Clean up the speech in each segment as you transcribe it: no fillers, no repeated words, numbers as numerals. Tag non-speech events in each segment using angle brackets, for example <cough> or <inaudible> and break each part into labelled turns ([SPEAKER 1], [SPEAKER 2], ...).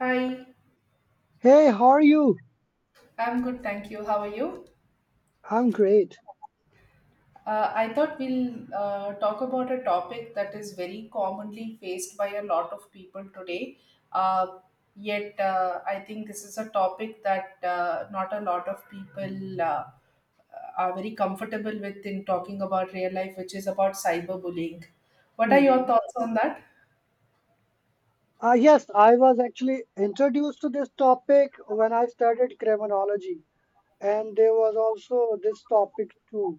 [SPEAKER 1] Hi,
[SPEAKER 2] Hey, how are you?
[SPEAKER 1] I'm good, thank you. How are you?
[SPEAKER 2] I'm great.
[SPEAKER 1] I thought we'll talk about a topic that is very commonly faced by a lot of people today. Uh, I think this is a topic that not a lot of people are very comfortable with in talking about real life, which is about cyberbullying. What are your
[SPEAKER 2] Mhm.
[SPEAKER 1] thoughts on that?
[SPEAKER 2] Yes, I was actually introduced to this topic when I studied criminology, and there was also this topic too,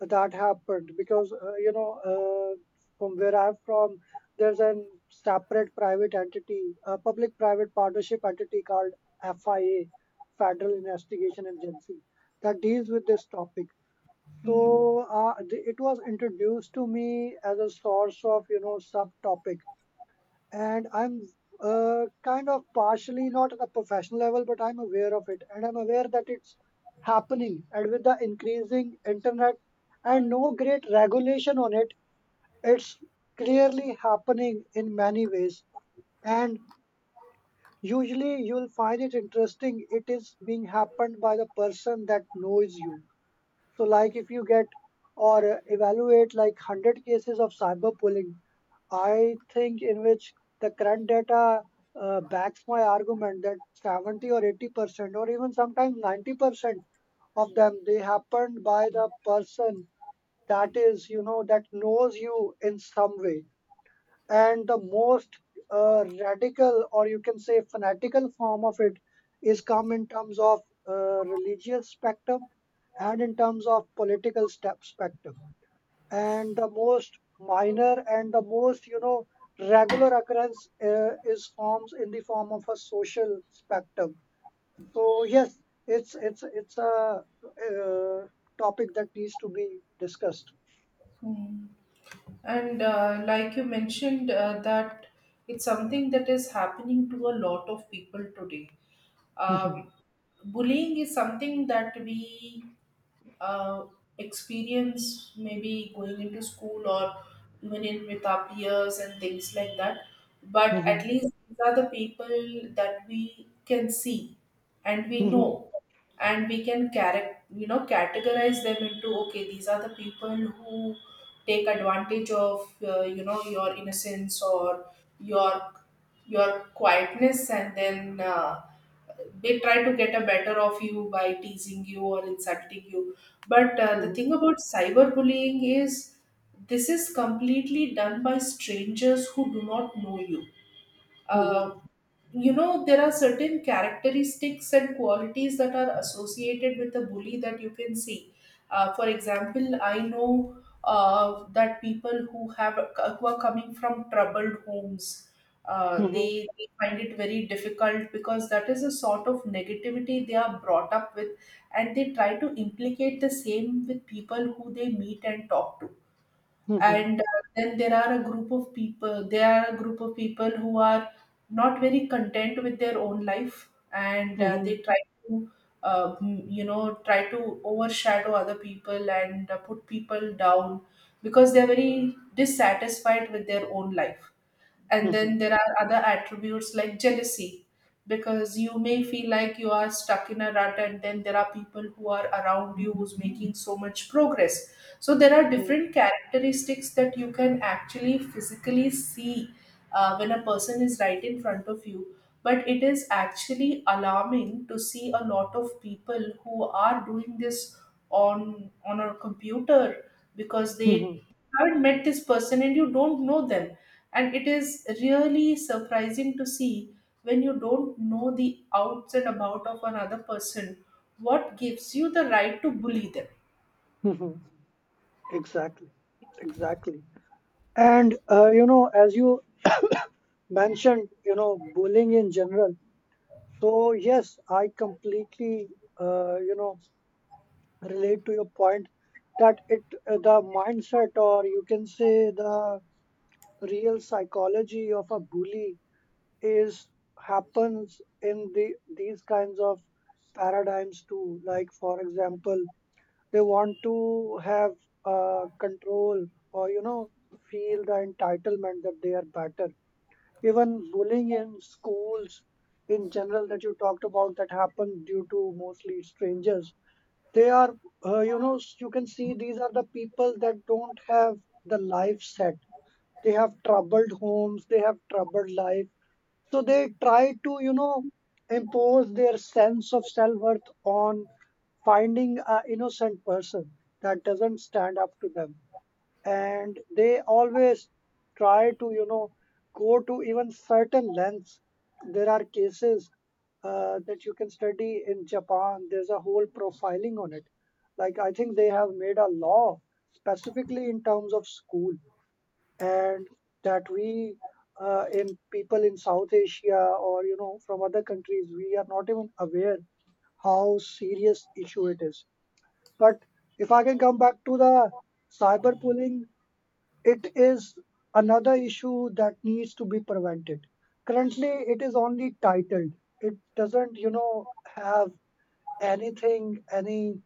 [SPEAKER 2] that happened because from where I'm from there's an separate private entity, a public private partnership entity called FIA, federal investigation agency, that deals with this topic. So
[SPEAKER 1] Mm,
[SPEAKER 2] it was introduced to me as a source of, subtopic. And I'm kind of partially not at a professional level, but I'm aware of it, and I'm aware that it's happening. And with the increasing internet and no great regulation on it, it's clearly happening in many ways. And usually, you'll find it interesting. It is being happened by the person that knows you. So, like if you get or evaluate like 100 cases of cyberbullying, I think, in which the current data backs my argument that 70 or 80% or even sometimes 90% of them they happened by the person that is, that knows you in some way. And the most radical, or you can say fanatical form of it is come in terms of religious spectrum, and in terms of political step spectrum, and the most minor and the most, regular occurrence is forms in the form of a social spectrum. So yes, it's a uh, topic that needs to be discussed.
[SPEAKER 1] mm. And like you mentioned, that it's something that is happening to a lot of people today,
[SPEAKER 2] Mhm,
[SPEAKER 1] um, bullying is something that we uh, experience maybe going into school or even in with our peers and things like that, but
[SPEAKER 2] mhm,
[SPEAKER 1] at least these are the people that we can see and we
[SPEAKER 2] mhm,
[SPEAKER 1] know, and we can you know, categorize them into, okay, these are the people who take advantage of you know, your innocence or your your quietness, and then they try to get a better of you by teasing you or insulting you. But the thing
[SPEAKER 2] mhm,
[SPEAKER 1] about cyberbullying is this is completely done by strangers who do not know you.
[SPEAKER 2] mhm,
[SPEAKER 1] Uh, you know, there are certain characteristics and qualities that are associated with a bully that you can see. For example, I know that people who have, who are coming from troubled homes, uh,
[SPEAKER 2] mhm,
[SPEAKER 1] they, they find it very difficult because that is a sort of negativity they are brought up with, and they try to implicate the same with people who they meet and talk to.
[SPEAKER 2] mhm,
[SPEAKER 1] And then there are a group of people there are a group of people who are not very content with their own life, and they
[SPEAKER 2] mhm,
[SPEAKER 1] try to you know, try to overshadow other people and put people down because they're very dissatisfied with their own life.
[SPEAKER 2] mhm,
[SPEAKER 1] And then
[SPEAKER 2] mhm,
[SPEAKER 1] there are other attributes like jealousy, because you may feel like you are stuck in a rut and then there are people who are around you who's making so much progress. So there are different characteristics that you can actually physically see when a person is right in front of you. But it is actually alarming to see a lot of people who are doing this on a computer, because
[SPEAKER 2] mhm,
[SPEAKER 1] they haven't met this person and you don't know them. And it is really surprising to see, when you don't know the outs and about of another person, what gives you the right to bully them?
[SPEAKER 2] mhm. Exactly, exactly. And you know, as you <coughs> mentioned, bullying in general. So yes, I completely, uh, you know relate to your point that it the mindset, or you can say the real psychology of a bully is happens in these kinds of paradigms too. Like for example, they want to have control, or feel the entitlement that they are better. Even bullying in schools in general that you talked about that happen due to mostly strangers, they are you can see these are the people that don't have the life set. They have troubled homes, they have troubled life, so they try to, impose their sense of self-worth on finding an innocent person that doesn't stand up to them. And they always try to, go to even certain lengths. There are cases that you can study in Japan. There's a whole profiling on it. Like I think they have made a law specifically in terms of school, and that we, in people in South Asia or, from other countries, we are not even aware how serious issue it is. But if I can come back to the cyberbullying, it is another issue that needs to be prevented. Currently, it is only titled. It doesn't, have anything, any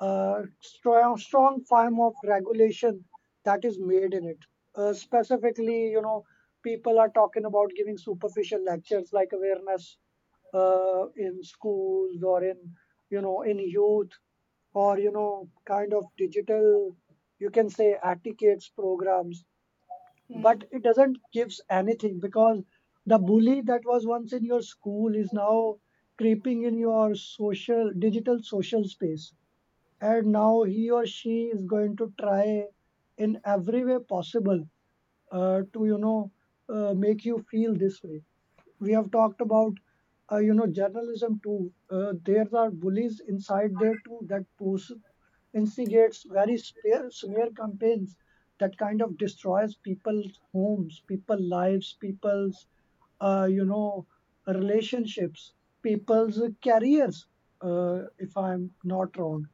[SPEAKER 2] strong form of regulation that is made in it. Specifically, people are talking about giving superficial lectures like awareness in schools or in, in youth, or kind of digital, you can say etiquettes programs.
[SPEAKER 1] Hmm,
[SPEAKER 2] But it doesn't gives anything because the bully that was once in your school is now creeping in your social digital social space, and now he or she is going to try in every way possible to make you feel this way. We have talked about journalism too. There are bullies inside there too that post instigates very smear campaigns that kind of destroys people's homes, people's lives, people's, uh, you know relationships, people's careers, if I'm not wrong.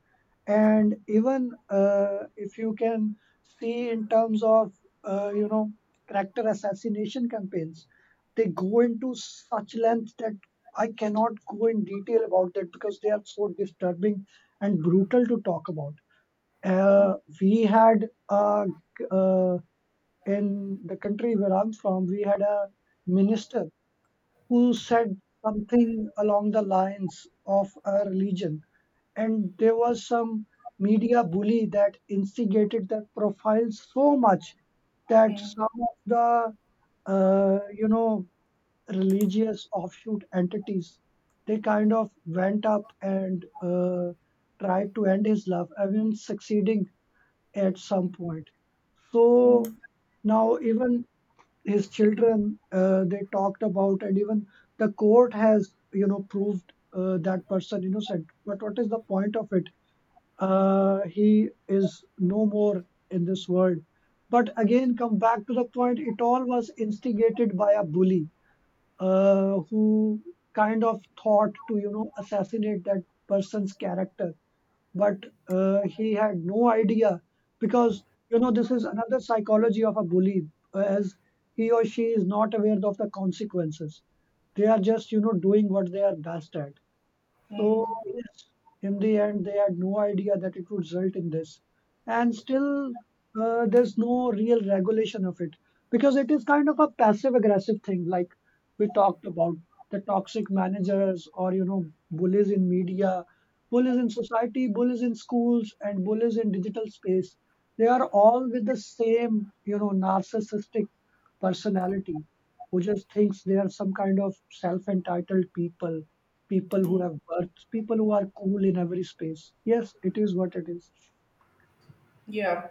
[SPEAKER 2] And even if you can see in terms of uh, you know character assassination campaigns, they go into such length that I cannot go in detail about that because they are so disturbing and brutal to talk about. We had uh, in the country where I'm from, we had a minister who said something along the lines of a religion, and there was some media bully that instigated that profile so much that
[SPEAKER 1] hmm,
[SPEAKER 2] some of the uh, you know religious offshoot entities, they kind of went up and tried to end his love, even succeeding at some point.
[SPEAKER 1] hmm,
[SPEAKER 2] So now even his children, they talked about, and even the court has, proved that person innocent. But what is the point of it? He is no more in this world. But again, come back to the point, it all was instigated by a bully who kind of thought to, assassinate that person's character, but he had no idea because, this is another psychology of a bully, as he or she is not aware of the consequences. They are just, doing what they are best at.
[SPEAKER 1] hmm,
[SPEAKER 2] So yes, in the end, they had no idea that it would result in this. And still, there's no real regulation of it because it is kind of a passive aggressive thing. Like we talked about the toxic managers, or, bullies in media, bullies in society, bullies in schools, and bullies in digital space. They are all with the same, narcissistic personality who just thinks they are some kind of self entitled people who
[SPEAKER 1] hmm.
[SPEAKER 2] have births, people who are cool in every space. Yes, it is what it is.
[SPEAKER 1] Yeah.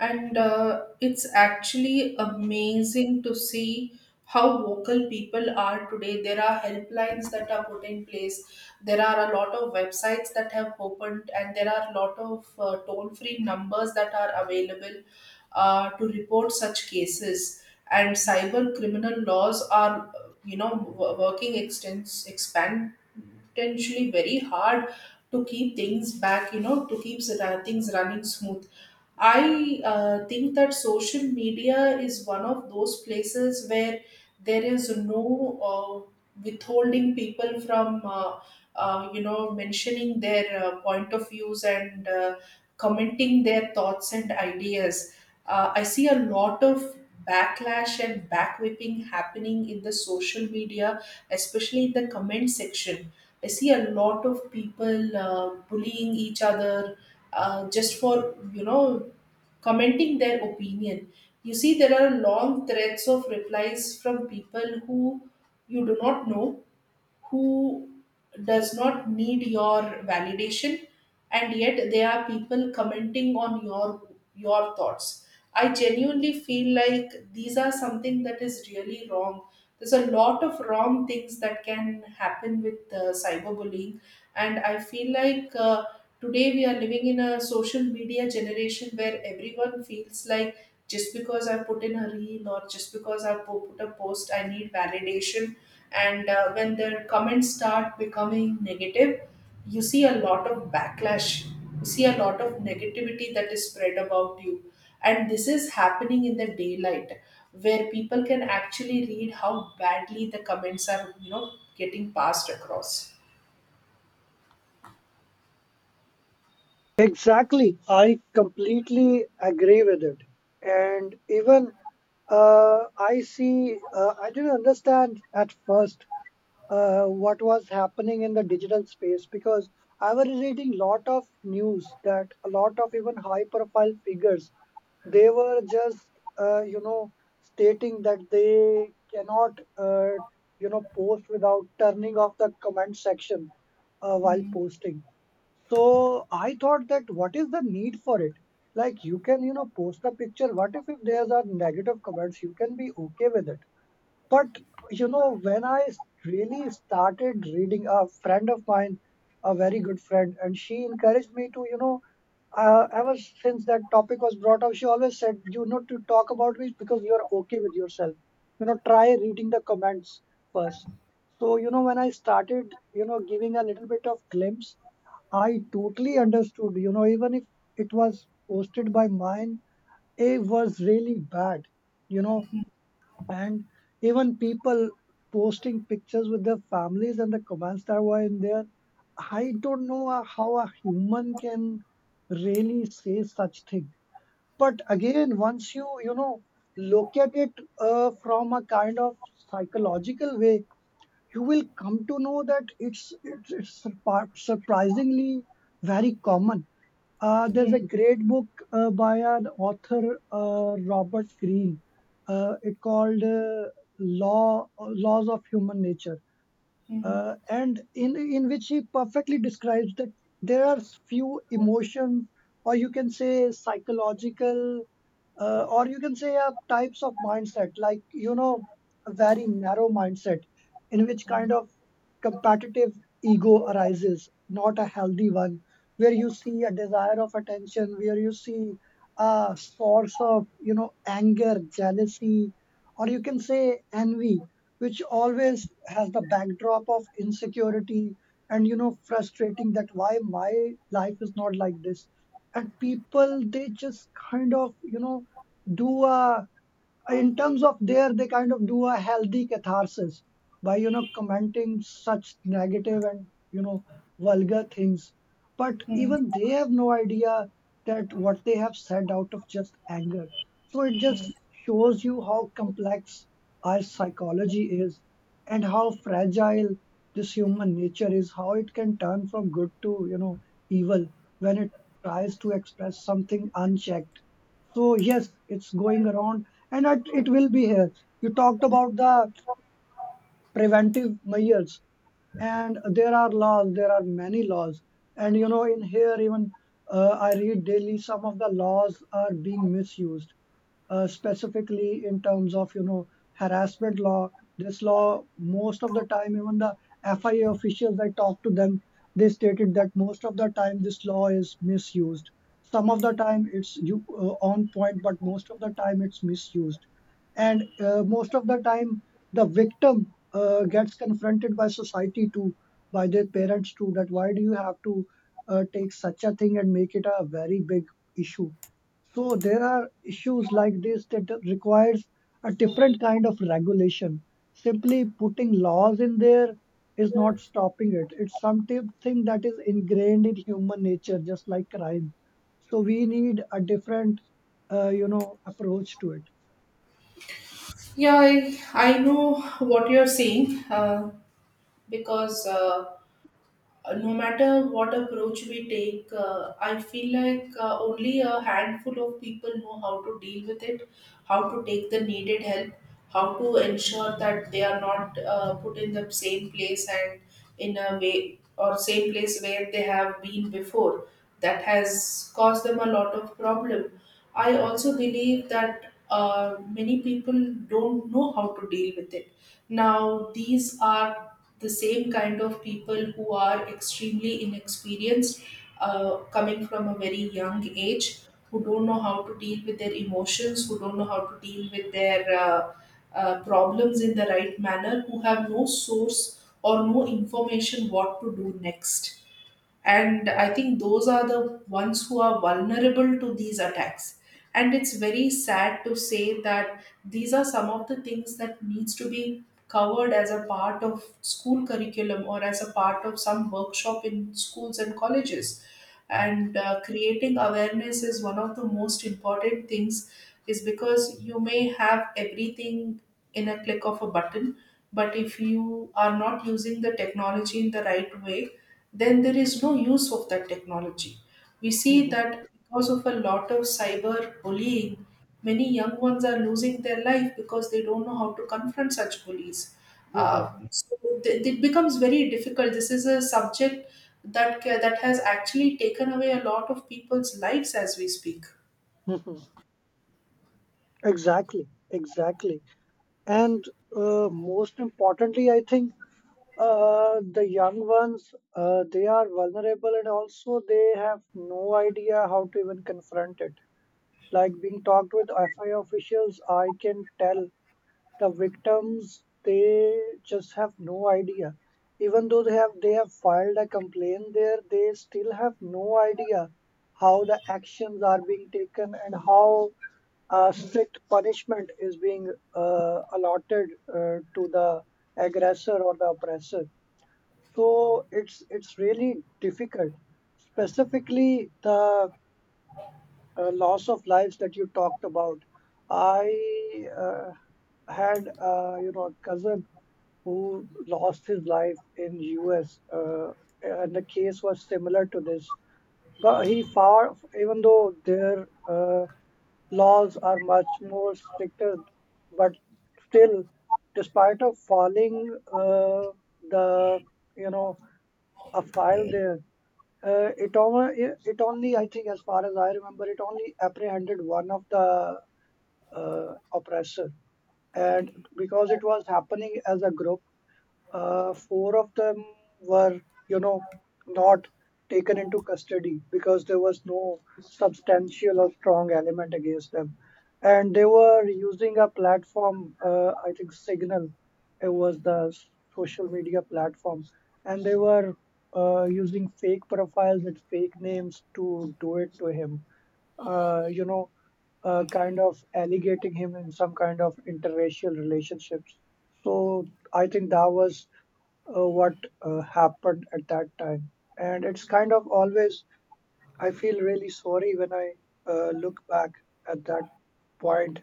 [SPEAKER 1] And it's actually amazing to see how vocal people are today. There are helplines that are put in place. There are a lot of websites that have opened, and there are a lot of toll free numbers that are available to report such cases. And cyber criminal laws are, you know, expand potentially very hard to keep things back, you know, to keep things running smooth. I think that social media is one of those places where there is no uh, withholding people from, you know, mentioning their point of views and commenting their thoughts and ideas. I see a lot of backlash and backwhipping happening in the social media, especially in the comment section. I see a lot of people bullying each other just for, you know, commenting their opinion. You see, there are long threads of replies from people who you do not know, who does not need your validation, and yet there are people commenting on your thoughts. I genuinely feel like these are something that is really wrong. There's a lot of wrong things that can happen with cyberbullying. And I feel like today we are living in a social media generation where everyone feels like, just because I put in a reel or just because I put a post, I need validation. And when their comments start becoming negative, you see a lot of backlash, you see a lot of negativity that is spread about you, and this is happening in the daylight, where people can actually read how badly the comments are, you know, getting passed across.
[SPEAKER 2] Exactly. I completely agree with it. And even I didn't understand at first what was happening in the digital space because I was reading lot of news that a lot of even high profile figures, they were just, uh, you know, stating that they cannot, post without turning off the comment section while
[SPEAKER 1] Hmm.
[SPEAKER 2] posting. So I thought that what is the need for it? Like you can, post a picture. What if there's are negative comments, you can be okay with it. But, when I really started reading, a friend of mine, a very good friend, and she encouraged me to, ever since that topic was brought up, she always said, to talk about it because you are okay with yourself. Try reading the comments first. So, when I started, giving a little bit of glimpse, I totally understood, even if it was posted by mine, it was really bad. you know and even people posting pictures with their families and the comments that were in there. I don't know how a human can really say such thing. But again, once you you know look at it from a kind of psychological way, you will come to know that it's surprisingly very common. There's
[SPEAKER 1] Hmm.
[SPEAKER 2] a great book by an author, Robert Greene. It called Laws of Human Nature,
[SPEAKER 1] Hmm.
[SPEAKER 2] and in which he perfectly describes that there are few emotions, or you can say psychological, or you can say types of mindset, like, a very narrow mindset in which kind of competitive ego arises, not a healthy one, where you see a desire of attention, where you see a source of, anger, jealousy, or you can say envy, which always has the backdrop of insecurity, and, frustrating that why my life is not like this. And people, they just kind of, do a, in terms of there they kind of do a healthy catharsis by, commenting such negative and, vulgar things, but
[SPEAKER 1] Hmm.
[SPEAKER 2] even they have no idea that what they have said out of just anger. So it just shows you how complex our psychology is, and how fragile this human nature is, how it can turn from good to, evil when it tries to express something unchecked. So yes, it's going around, and it will be here. You talked about the preventive measures, and there are laws, there are many laws. And in here, even I read daily some of the laws are being misused, specifically in terms of harassment law. This law, most of the time, even the FIA officials I talked to them, they stated that most of the time this law is misused. Some of the time it's you on point, but most of the time it's misused. And most of the time the victim gets confronted by society too, by their parents too, that why do you have to take such a thing and make it a very big issue. So there are issues like this that requires a different kind of regulation. Simply putting laws in there is not stopping it. It's something that is ingrained in human nature, just like crime. So we need a different approach to it.
[SPEAKER 1] Yeah, I know what you're saying, because no matter what approach we take, I feel like only a handful of people know how to deal with it, how to take the needed help, how to ensure that they are not put in the same place and in a way, or same place where they have been before. That has caused them a lot of problem. I also believe that many people don't know how to deal with it. Now, these are the same kind of people who are extremely inexperienced, coming from a very young age, who don't know how to deal with their emotions, who don't know how to deal with their problems in the right manner, who have no source or no information what to do next. And I think those are the ones who are vulnerable to these attacks. And it's very sad to say that these are some of the things that needs to be covered as a part of school curriculum or as a part of some workshop in schools and colleges. And creating awareness is one of the most important things, is because you may have everything in a click of a button, but if you are not using the technology in the right way, then there is no use of that technology. We see that because of a lot of cyber bullying many young ones are losing their life because they don't know how to confront such bullies.
[SPEAKER 2] <laughs> Mhm,
[SPEAKER 1] So it becomes very difficult. This is a subject that that has actually taken away a lot of people's lives as we speak.
[SPEAKER 2] mhm. Exactly, exactly. And most importantly, I think the young ones, they are vulnerable, and also they have no idea how to even confront it. Like being talked with FI officials, I can tell the victims they just have no idea. Even though they have filed a complaint there, they still have no idea how the actions are being taken and how strict punishment is being allotted to the aggressor or the oppressor. So it's really difficult. Specifically the loss of lives that you talked about, I had a cousin who lost his life in U.S. And the case was similar to this. But he far, even though their laws are much more stricter, but still, despite of falling the you know a file there. It only, it only, I think, as far as I remember, it only apprehended one of the oppressor. And because it was happening as a group, four of them were, you know, not taken into custody because there was no substantial or strong element against them. And they were using a platform, I think Signal, it was the social media platform, and they were using fake profiles with fake names to do it to him, uh, you know, kind of allegating him in some kind of interracial relationships. So I think that was what happened at that time. And it's kind of always, I feel really sorry when I look back at that point,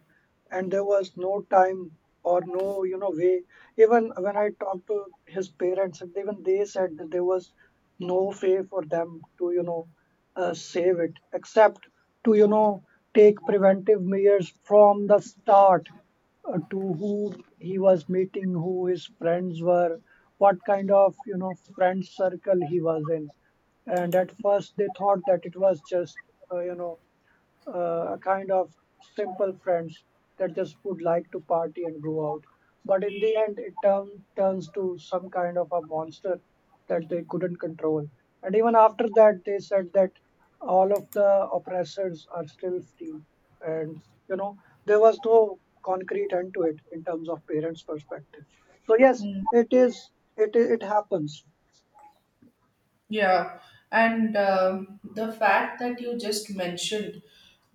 [SPEAKER 2] and there was no time or no, way. Even when I talked to his parents, and even they said that there was no way for them to, save it, except to, take preventive measures from the start, to who he was meeting, who his friends were, what kind of friend circle he was in. And at first they thought that it was just uh, you know kind of simple friends that just would like to party and go out. But in the end, turns to some kind of a monster that they couldn't control. And even after that, they said that all of the oppressors are still free. And, you know, there was no concrete end to it in terms of parents' perspective. So, yes, it happens.
[SPEAKER 1] Yeah, and um, the fact that you just mentioned,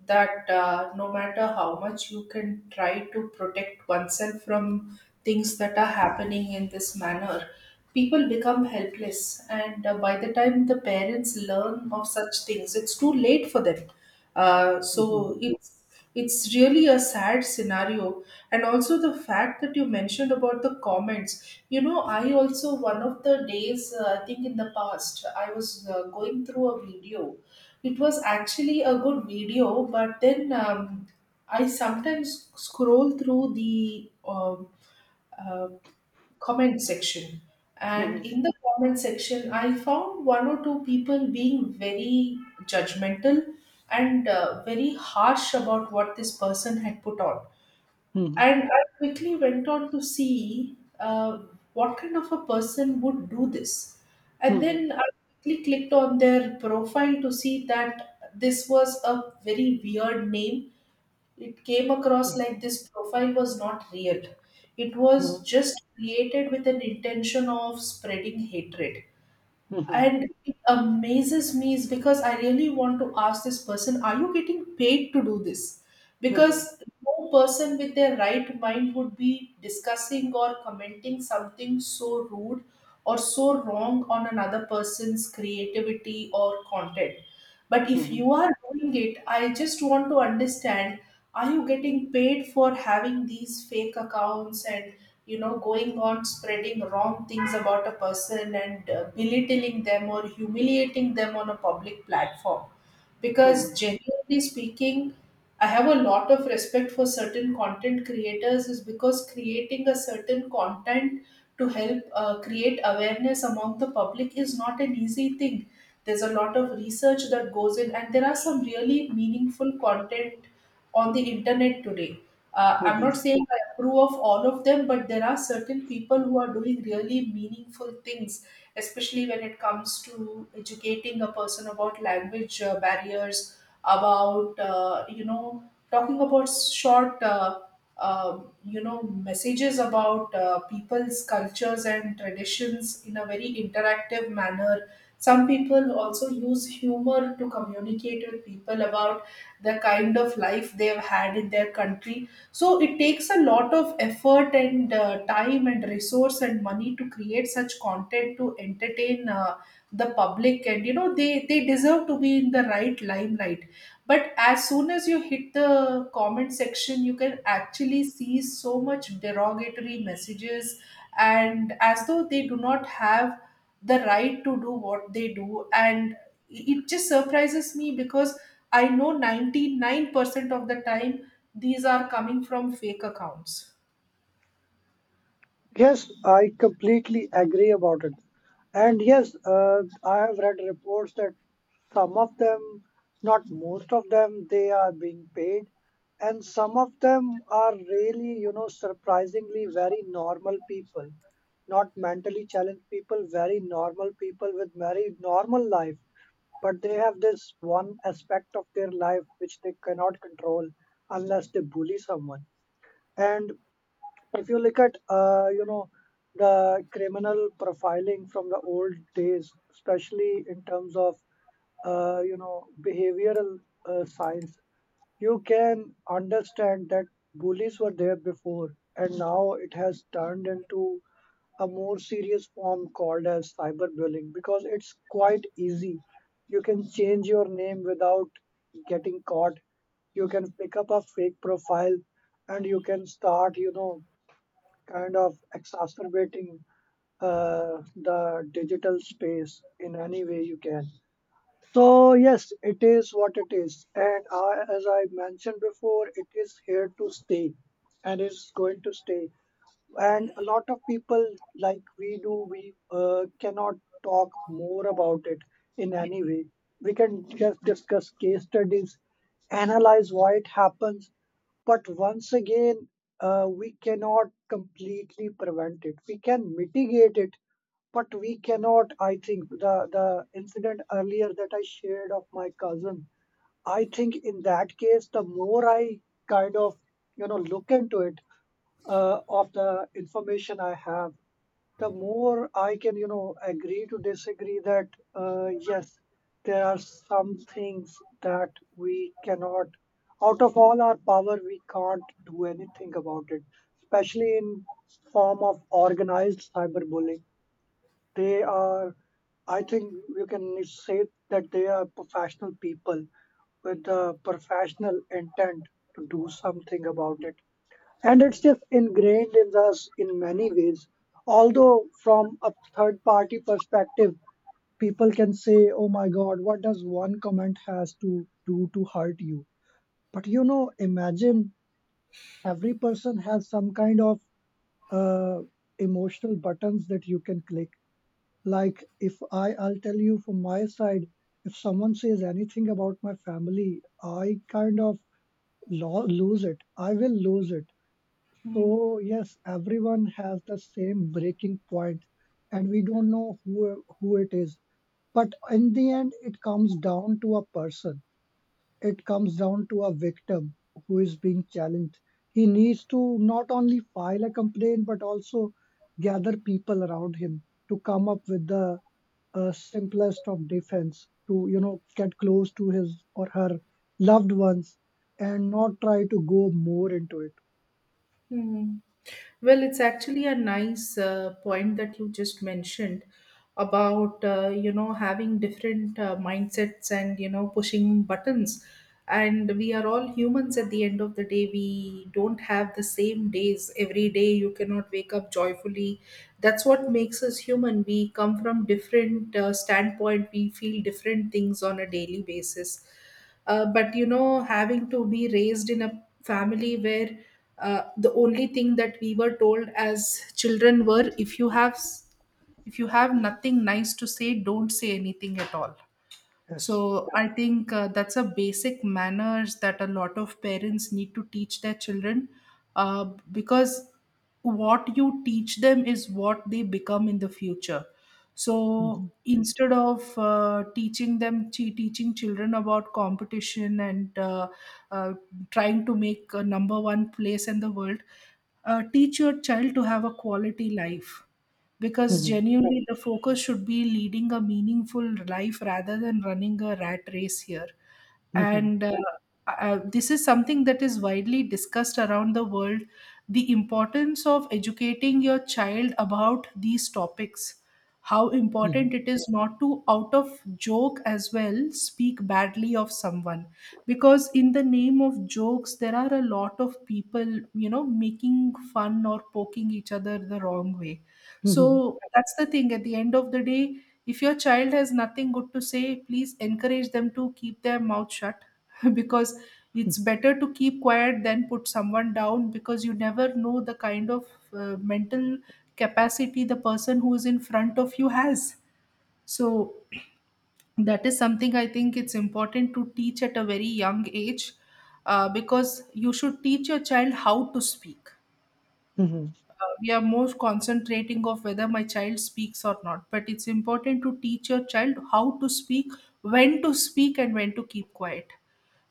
[SPEAKER 1] that no matter how much you can try to protect oneself from things that are happening in this manner, people become helpless. And by the time the parents learn of such things, it's too late for them.
[SPEAKER 2] Mhm.
[SPEAKER 1] So it's really a sad scenario. And also the fact that you mentioned about the comments. You know, I also, one of the days, I think in the past, I was going through a video. It was actually a good video, but then I sometimes scroll through the uh, comment section.
[SPEAKER 2] Mhm.
[SPEAKER 1] And in the comment section, I found one or two people being very judgmental and very harsh about what this person had put on.
[SPEAKER 2] Mhm.
[SPEAKER 1] And I quickly went on to see what kind of a person would do this. And
[SPEAKER 2] Mhm.
[SPEAKER 1] then I quickly clicked on their profile, to see that this was a very weird name. It came across like this profile was not real. It was
[SPEAKER 2] Mhm.
[SPEAKER 1] just created with an intention of spreading hatred.
[SPEAKER 2] Mhm.
[SPEAKER 1] And it amazes me is because I really want to ask this person, are you getting paid to do this?
[SPEAKER 2] Mhm.
[SPEAKER 1] Because no person with their right mind would be discussing or commenting something so rude or so wrong on another person's creativity or content. But if
[SPEAKER 2] Mhm.
[SPEAKER 1] you are doing it, I just want to understand, are you getting paid for having these fake accounts and, you know, going on spreading wrong things about a person, and belittling them or humiliating them on a public platform? Because
[SPEAKER 2] Mhm.
[SPEAKER 1] genuinely speaking, I have a lot of respect for certain content creators, is because creating a certain content to help create awareness among the public is not an easy thing. There's a lot of research that goes in, and there are some really meaningful content on the internet today. I'm not
[SPEAKER 2] Mhm.
[SPEAKER 1] saying I approve of all of them, but there are certain people who are doing really meaningful things, especially when it comes to educating a person about language barriers, about, you know, talking about short, you know, messages about people's cultures and traditions in a very interactive manner. Some people also use humor to communicate with people about the kind of life they've had in their country. So it takes a lot of effort and time and resource and money to create such content to entertain the public, and you know, they deserve to be in the right limelight. But as soon as you hit the comment section, you can actually see so much derogatory messages, and as though they do not have the right to do what they do. And it just surprises me because I know 99% of the time these are coming from fake accounts.
[SPEAKER 2] Yes, I completely agree about it. And yes, I have read reports that some of them, not most of them, they are being paid. And some of them are really, surprisingly very normal people, not mentally challenged people, very normal people with very normal life. But they have this one aspect of their life which they cannot control unless they bully someone. And if you look at the criminal profiling from the old days, especially in terms of behavioral science, you can understand that bullies were there before, and now it has turned into a more serious form called as cyberbullying because it's quite easy. You can change your name without getting caught. You can pick up a fake profile, and you can start kind of exacerbating the digital space in any way you can. So yes, it is what it is, and I, as I mentioned before, it is here to stay, and it's going to stay. And a lot of people, like we do, we cannot talk more about it in any way. We can just discuss case studies, analyze why it happens. But once again, we cannot completely prevent it, we can mitigate it, but we cannot. I think the incident earlier that I shared of my cousin, I think in that case, the more I kind of look into it, of the information I have, the more I can, agree to disagree that yes, there are some things that we cannot, out of all our power, we can't do anything about it, especially in form of organized cyberbullying. They are, I think, you can say that they are professional people with the professional intent to do something about it. And it's just ingrained in us in many ways, although from a third party perspective, people can say, oh my god, what does one comment has to do to hurt you? But imagine, every person has some kind of uh, emotional buttons that you can click. Like if I'll tell you from my side, if someone says anything about my family, I kind of lose it, I will lose it. So yes, everyone has the same breaking point, and we don't know who it is. But in the end, it comes down to a person. It comes down to a victim who is being challenged. He needs to not only file a complaint but also gather people around him to come up with the simplest of defense to get close to his or her loved ones and not try to go more into it.
[SPEAKER 1] Mm-hmm. Well, it's actually a nice point that you just mentioned. About you know having different mindsets and you know pushing buttons. And we are all humans. At the end of the day, we don't have the same days every day. You cannot wake up joyfully. That's what makes us human. We come from different standpoint. We feel different things on a daily basis. But you know, having to be raised in a family where the only thing that we were told as children were, if you have if you have nothing nice to say, don't say anything at all.
[SPEAKER 2] Yes.
[SPEAKER 1] So I think that's a basic manners that a lot of parents need to teach their children, uh, because what you teach them is what they become in the future. So
[SPEAKER 2] Mm-hmm.
[SPEAKER 1] instead of teaching them, teaching children about competition and uh, trying to make a number one place in the world, teach your child to have a quality life, because
[SPEAKER 2] Mhm.
[SPEAKER 1] genuinely the focus should be leading a meaningful life rather than running a rat race here.
[SPEAKER 2] Mhm.
[SPEAKER 1] And this is something that is widely discussed around the world, the importance of educating your child about these topics, how
[SPEAKER 2] Mhm.
[SPEAKER 1] important it is not to, out of joke as well, speak badly of someone. Because in the name of jokes, there are a lot of people you know making fun or poking each other the wrong way.
[SPEAKER 2] Mhm.
[SPEAKER 1] So that's the thing. At the end of the day, if your child has nothing good to say, please encourage them to keep their mouth shut <laughs> because it's better to keep quiet than put someone down, because you never know the kind of mental capacity the person who is in front of you has. So that is something I think it's important to teach at a very young age, because you should teach your child how to speak.
[SPEAKER 2] Mhm.
[SPEAKER 1] We are most concentrating of whether my child speaks or not, but it's important to teach your child how to speak, when to speak and when to keep quiet.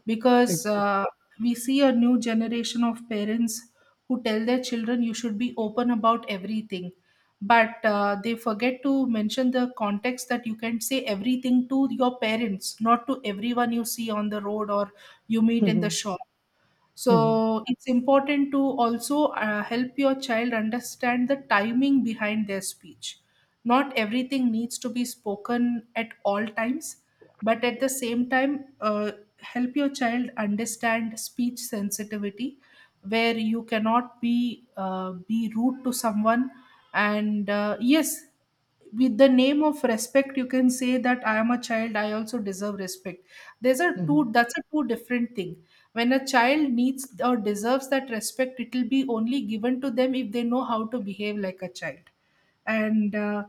[SPEAKER 1] because
[SPEAKER 2] Exactly.
[SPEAKER 1] uh, we see a new generation of parents who tell their children you should be open about everything, but they forget to mention the context that you can say everything to your parents, not to everyone you see on the road or you meet in the
[SPEAKER 2] Mhm.
[SPEAKER 1] shop.
[SPEAKER 2] Mhm.
[SPEAKER 1] So it's important to also help your child understand the timing behind their speech. Not everything needs to be spoken at all times, but at the same time, help your child understand speech sensitivity, where you cannot be be rude to someone. And yes, with the name of respect, you can say that I am a child, I also deserve respect. There's a two.
[SPEAKER 2] Mhm.
[SPEAKER 1] That's a two different thing. When a child needs or deserves that respect, it will be only given to them if they know how to behave like a child. And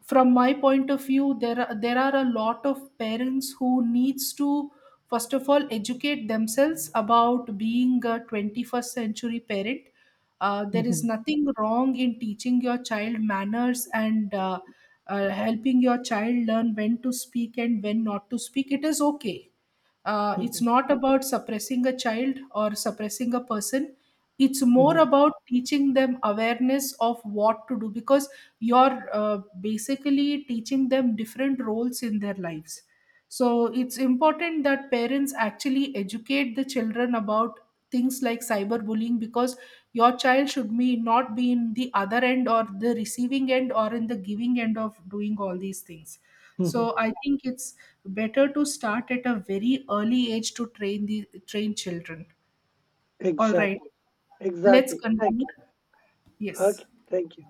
[SPEAKER 1] from my point of view, there are a lot of parents who needs to first of all educate themselves about being a 21st century parent. There is
[SPEAKER 2] Mhm.
[SPEAKER 1] nothing wrong in teaching your child manners and helping your child learn when to speak and when not to speak. It is okay. It's
[SPEAKER 2] Mhm.
[SPEAKER 1] not about suppressing a child or suppressing a person. It's more
[SPEAKER 2] Mhm.
[SPEAKER 1] about teaching them awareness of what to do, because you're basically teaching them different roles in their lives. So it's important that parents actually educate the children about things like cyberbullying, because your child should be not be in the other end or the receiving end or in the giving end of doing all these things.
[SPEAKER 2] Mhm.
[SPEAKER 1] So I think it's better to start at a very early age to train children. All right,
[SPEAKER 2] Exactly,
[SPEAKER 1] let's
[SPEAKER 2] exactly.
[SPEAKER 1] conclude.
[SPEAKER 2] Thank you.
[SPEAKER 1] Yes.
[SPEAKER 2] Okay. Thank you.